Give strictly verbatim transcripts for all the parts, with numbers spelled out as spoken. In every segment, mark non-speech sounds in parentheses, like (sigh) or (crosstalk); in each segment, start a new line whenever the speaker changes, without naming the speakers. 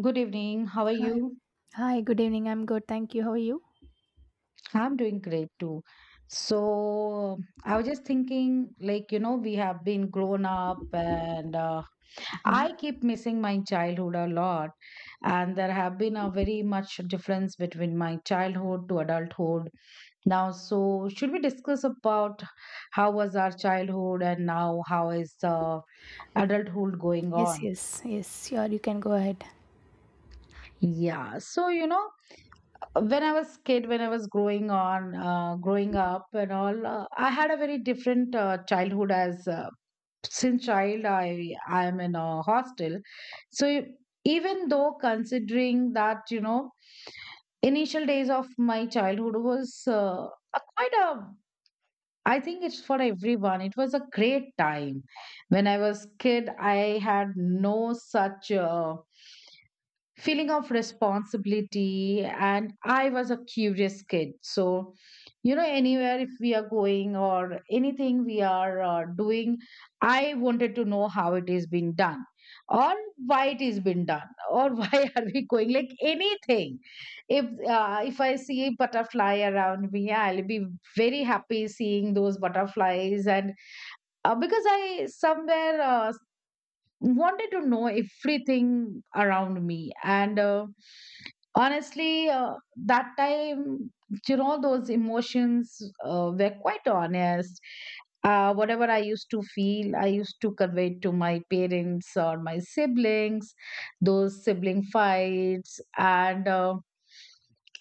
Good evening. How are
Hi,
you?
Hi, good evening. I'm good. Thank you. How are you?
I'm doing great too. So I was just thinking, like, you know, we have been grown up and uh,
Mhm.
I keep missing my childhood a lot. And there have been a very much difference between my childhood to adulthood now. So should we discuss about how was our childhood and now how is uh, adulthood going
Yes,
on?
yes, yes. Sure, you can go ahead.
Yeah. So, you know, when I was kid, when I was growing on, uh, growing up and all, uh, I had a very different uh, childhood. As uh, Since child, I I am in a hostel, so even though considering that you know initial days of my childhood was uh, a quite a, I think it's for everyone it was a great time. When I was kid I had no such uh, feeling of responsibility, and I was a curious kid. So you know anywhere if we are going or anything we are uh, doing, I wanted to know how it is being done or why it is being done or (laughs) why are we going like anything. If uh, if I see a butterfly around me I'll be very happy seeing those butterflies, and uh, because I somewhere uh, wanted to know everything around me. And uh, honestly uh, that time, you know, those emotions uh, were quite honest. Uh, whatever I used to feel I used to convey to my parents or my siblings, those sibling fights and uh,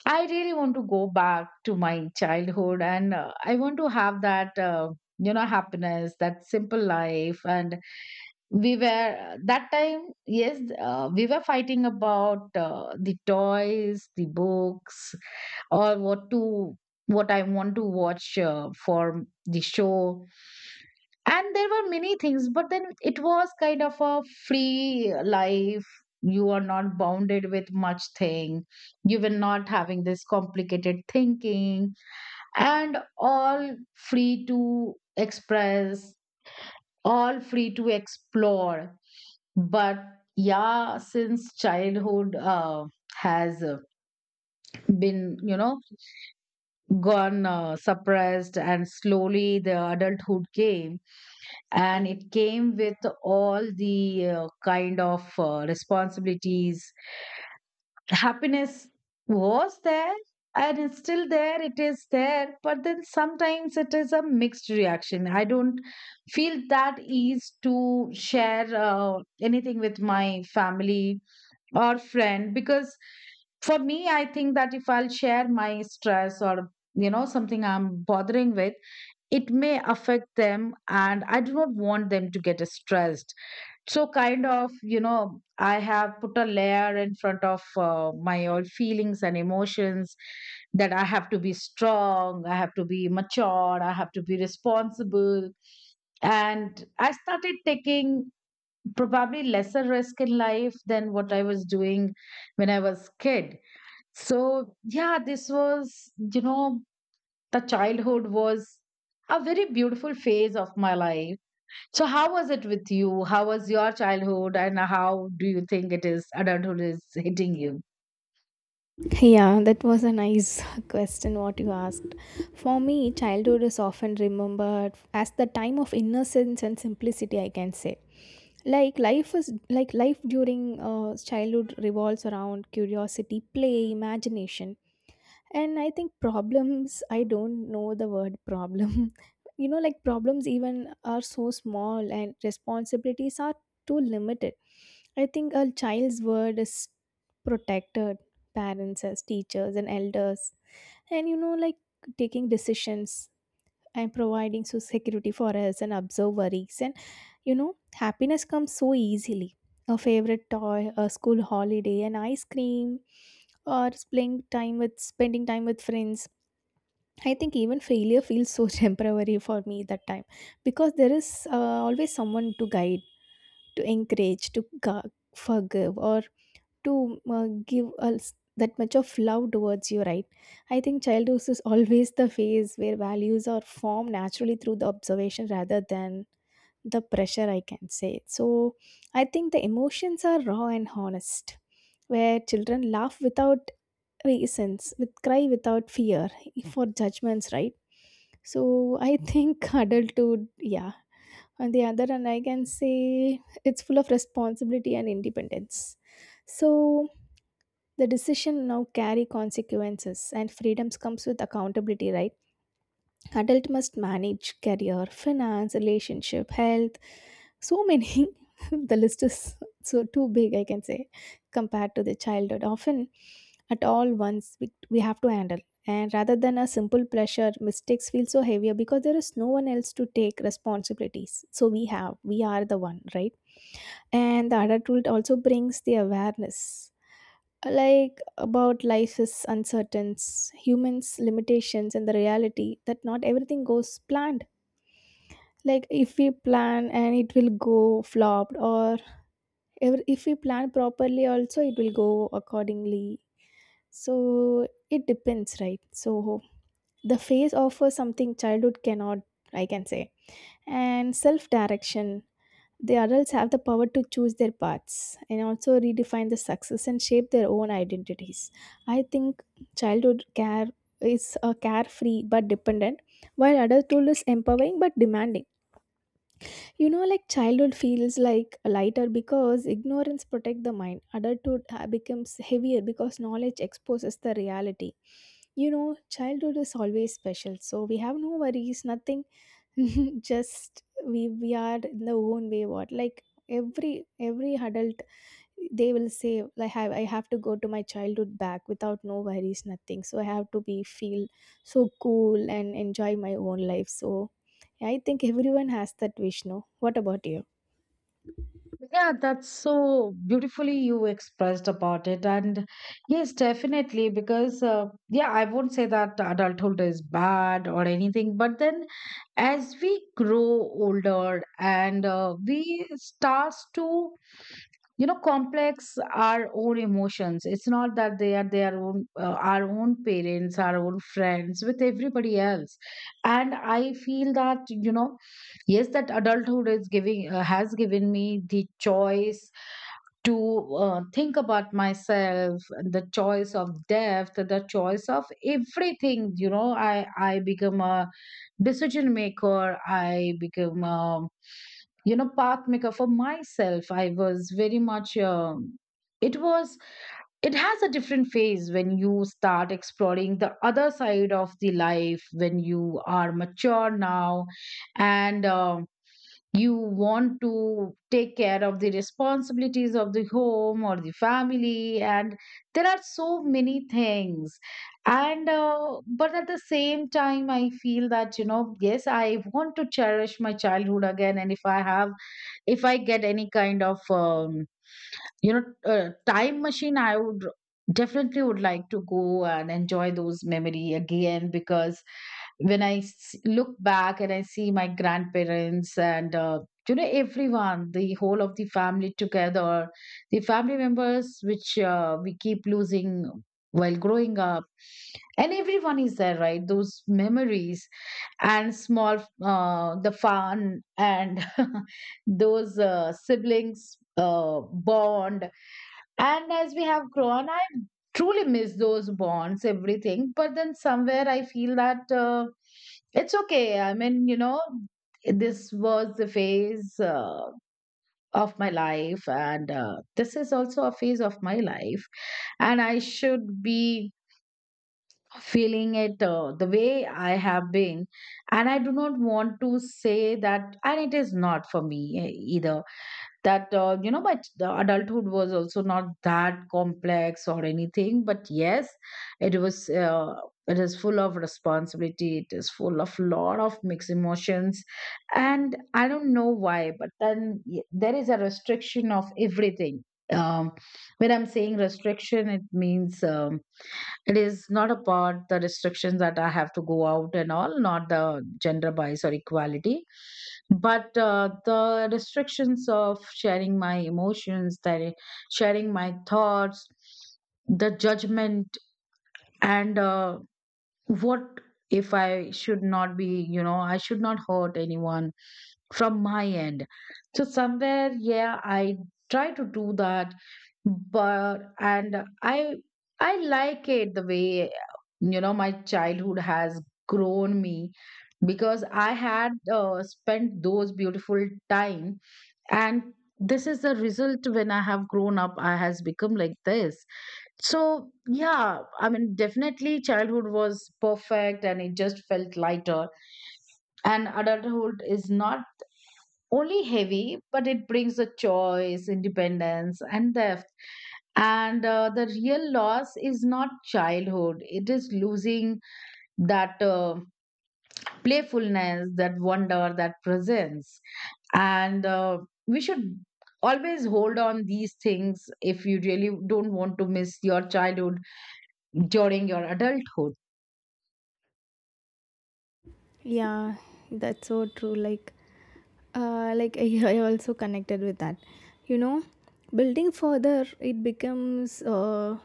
I really want to go back to my childhood and uh, I want to have that, uh, you know, happiness, that simple life. And we were, that time, yes, uh, we were fighting about uh, the toys, the books, or what to, what I want to watch uh, for the show, and there were many things but then it was kind of a free life. You are not bounded with much thing, you were not having this complicated thinking and all. Free to express, all free to explore. But yeah, since childhood uh, has uh, been, you know, gone uh, suppressed, and slowly the adulthood came, and it came with all the uh, kind of uh, responsibilities. Happiness was there, and it's still there, it is there, but then sometimes it is a mixed reaction. I don't feel that ease to share uh, anything with my family or friend, because for me I think that if I'll share my stress or you know something I'm bothering with, it may affect them and I do not want them to get stressed. So kind of, you know, I have put a layer in front of uh, my all feelings and emotions, that I have to be strong, I have to be mature, I have to be responsible. And I started taking probably lesser risk in life than what I was doing when I was kid. So yeah, this was, you know, the childhood was a very beautiful phase of my life. So, how was it with you? How was your childhood, and how do you think it is adulthood is hitting you?
Yeah, that was a nice (laughs) question what you asked. For me, childhood is often remembered as the time of innocence and simplicity, I can say. Like life is like life during uh, childhood revolves around curiosity, play, imagination, and I think problems, I don't know the word problem. (laughs) You know, like problems even are so small and responsibilities are too limited. I think a child's word is protected, parents as teachers and elders. And you know, like taking decisions and providing so security for us and observe worries. And you know, happiness comes so easily. A favorite toy, a school holiday, an ice cream, or playing time with spending time with friends. I think even failure feels so (laughs) temporary for me that time, because there is uh, always someone to guide, to encourage, to gu- forgive, or to uh, give us that much of love towards you, right? I think childhood is always the phase where values are formed naturally through the observation rather than the pressure, I can say. So I think the emotions are raw and honest, where children laugh without reasons, with cry without fear for judgments, right? So I think (laughs) adulthood, yeah. On the other hand, I can say it's full of responsibility and independence. So the decision now carry consequences, and freedoms comes with accountability, right? Adult must manage career, finance, relationship, health, so many. (laughs) The list is so too big, I can say, compared to the childhood. Often at all once, we, we have to handle, and rather than a simple pressure, mistakes feel so heavier because there is no one else to take responsibilities, so we have we are the one, right? And the adulthood also brings the awareness, like about life is uncertain, humans limitations, and the reality that not everything goes planned. Like if we plan and it will go flopped, or ev- if we plan properly also it will go accordingly. So it depends, right? So the phase offers something childhood cannot, I can say, and self direction. The adults have the power to choose their paths and also redefine the success and shape their own identities. I think childhood care is a carefree but dependent, while adulthood is empowering but demanding. You know, like childhood feels like lighter because ignorance protects the mind. Adulthood uh, becomes heavier because knowledge exposes the reality. You know, childhood is always special, so we have no worries, nothing. (laughs) Just we we are in the own way. What, like, every every adult, they will say, like, have I have to go to my childhood back without no worries, nothing, so I have to be feel so cool and enjoy my own life. So yeah, I think everyone has that wish, no? What about you?
Yeah, that's so beautifully you expressed about it. And yes, definitely, because uh, yeah, I won't say that adulthood is bad or anything, but then as we grow older and uh, we starts to, you know, complex our own emotions. It's not that they are their own, uh, our own parents, our own friends, with everybody else. And I feel that, you know, yes, that adulthood is giving, uh, has given me the choice to uh, think about myself, the choice of depth, the choice of everything. You know, i i become a decision maker, I become a, you know, pathmaker for myself. I was very much um, it was, it has a different phase when you start exploring the other side of the life when you are mature now. And um, you want to take care of the responsibilities of the home or the family, and there are so many things. And uh, but at the same time I feel that, you know, yes, I want to cherish my childhood again, and if I have, if I get any kind of um, you know uh, time machine, I would definitely would like to go and enjoy those memory again. Because when i s- look back and I see my grandparents and uh, you know everyone, the whole of the family together, the family members which uh, we keep losing while growing up, and everyone is there, right, those memories. And small, uh, the fun, and (laughs) those uh, siblings uh, bond. And as we have grown, I truly miss those bonds, everything. But then somewhere I feel that uh, it's okay. I mean, you know, this was the phase uh, of my life, and uh, this is also a phase of my life. And I should be feeling it uh, the way I have been. And I do not want to say that, and it is not for me eh, either that, uh, you know, my ch- the adulthood was also not that complex or anything, but yes, it was uh, it is full of responsibility, it is full of lot of mixed emotions. And I don't know why, but then y- there is a restriction of everything. um, when I'm saying restriction, it means um, it is not about the restrictions that I have to go out and all, not the gender bias or equality, but uh, the restrictions of sharing my emotions, that i- sharing my thoughts, the judgment, and uh, what, if I should not be, you know, I should not hurt anyone from my end. So somewhere, yeah, I try to do that. But and i i like it the way, you know, my childhood has grown me, because I had uh, spent those beautiful time. And this is the result: when I have grown up I has become like this. So yeah, I mean, definitely childhood was perfect and it just felt lighter. And adulthood is not only heavy, but it brings a choice, independence, and depth. And uh, the real loss is not childhood, it is losing that, uh, playfulness, that wonder, that presence. And uh, we should always hold on these things if you really don't want to miss your childhood during your adulthood.
Yeah, that's so true. Like uh, like I, (laughs) I also connected with that, you know. Building further, it becomes uh,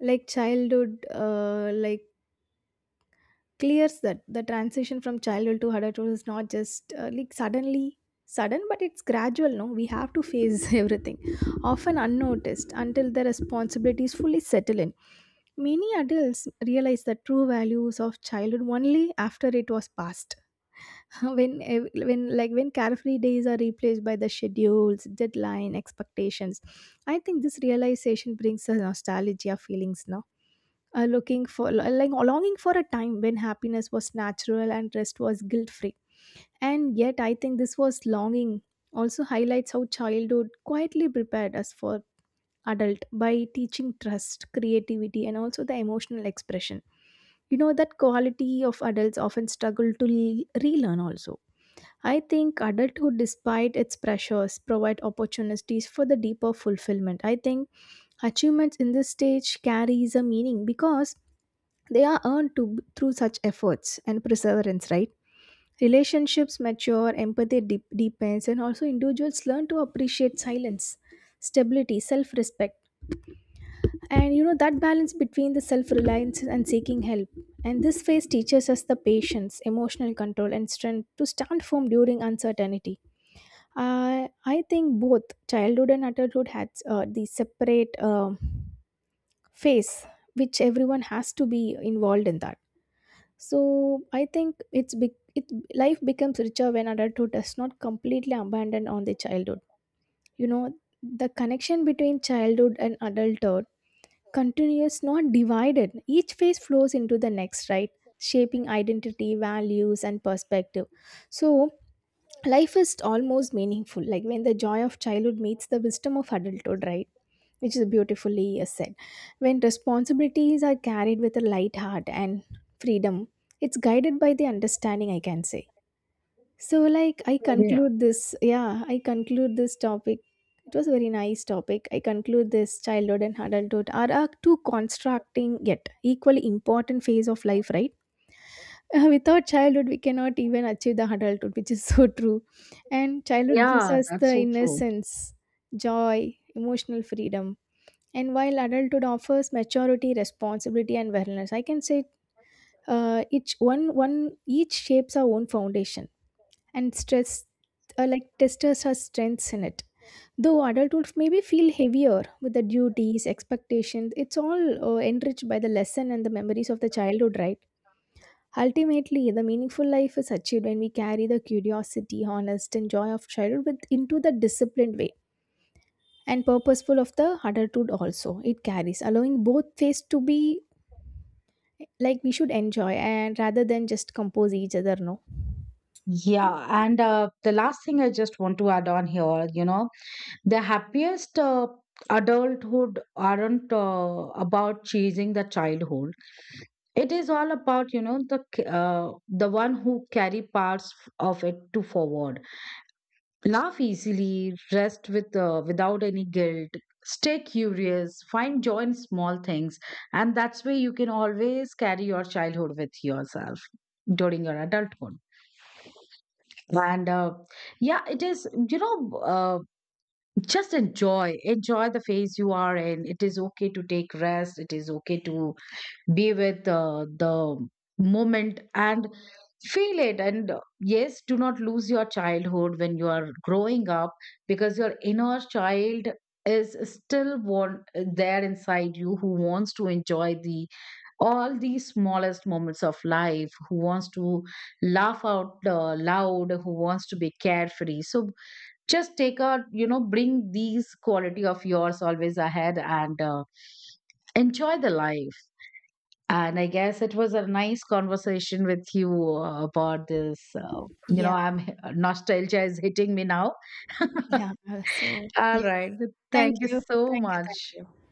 like childhood, uh, like, clears that the transition from childhood to adulthood is not just uh, like suddenly sudden, but it's gradual, no? We have to face (laughs) everything, often unnoticed until the responsibilities fully settle in. Many adults realize the true values of childhood only after it was past. (laughs) when ev- when like when carefree days are replaced by the schedules, deadline, expectations, I think this realization brings a nostalgia feelings now. Uh, looking for like longing for a time when happiness was natural and rest was guilt free. And yet, I think this was longing also highlights how childhood quietly prepared us for adult by teaching trust, creativity, and also the emotional expression. You know that quality of adults often struggle to le- relearn also. I think adulthood, despite its pressures, provide opportunities for the deeper fulfillment. I think achievements in this stage carries a meaning because they are earned to, through such efforts and perseverance, right? Relationships mature, empathy deep, deepens, and also individuals learn to appreciate silence, stability, self respect. And you know, that balance between the self reliance and seeking help. And this phase teaches us the patience, emotional control, and strength to stand firm during uncertainty. I I think both childhood and adulthood had uh, the separate um phase, which everyone has to be involved in that. So I think it's big. It Life becomes richer when adulthood does not completely abandon on the childhood. You know, the connection between childhood and adulthood continues, not divided. Each phase flows into the next, right? Shaping identity, values, and perspective. So life is almost meaningful, like when the joy of childhood meets the wisdom of adulthood, right? Which is beautifully uh, said. When responsibilities are carried with a light heart and freedom, it's guided by the understanding, I can say. So, like, I conclude this, yeah, I conclude this topic. It was a very nice topic. I conclude this childhood and adulthood are a two constructing yet equally important phase of life, right? Uh, without childhood, we cannot even achieve the adulthood, which is so true. And childhood gives
Yeah,
us
that's
the
so true.
innocence, joy, emotional freedom, and while adulthood offers maturity, responsibility, and wellness, I can say uh, each one one each shapes our own foundation, and stress uh, like testers our strengths in it. Though adulthood maybe feel heavier with the duties, expectations, it's all uh, enriched by the lesson and the memories of the childhood, right? Ultimately, the meaningful life is achieved when we carry the curiosity, honest, and joy of childhood with, into the disciplined way and purposeful of the adulthood, also it carries, allowing both phase to be. Like we should enjoy and rather than just compose each other, no?
Yeah, and uh, the last thing I just want to add on here, you know, the happiest uh, adulthood aren't uh, about chasing the childhood. It is all about, you know, the c- uh, the one who carry parts of it to forward. Laugh easily, rest with uh, without any guilt. Stay curious, find joy in small things, and that's way you can always carry your childhood with yourself during your adulthood. and uh, yeah, it is, you know, uh, just enjoy enjoy the phase you are in. It is okay to take rest, it is okay to be with uh, the moment and feel it. And uh, yes, do not lose your childhood when you are growing up, because your inner child is still want uh, there inside you, who wants to enjoy the all these smallest moments of life, who wants to laugh out uh, loud, who wants to be carefree. So just take out, you know, bring these quality of yours always ahead, and uh, enjoy the life. And I guess it was a nice conversation with you uh, about this uh, you know,
Yeah,
I'm nostalgia is hitting me now. (laughs)
yeah. uh, So
All
yes.
right, thank
Thank
you
you.
so
Thank you. Thank
much.
you.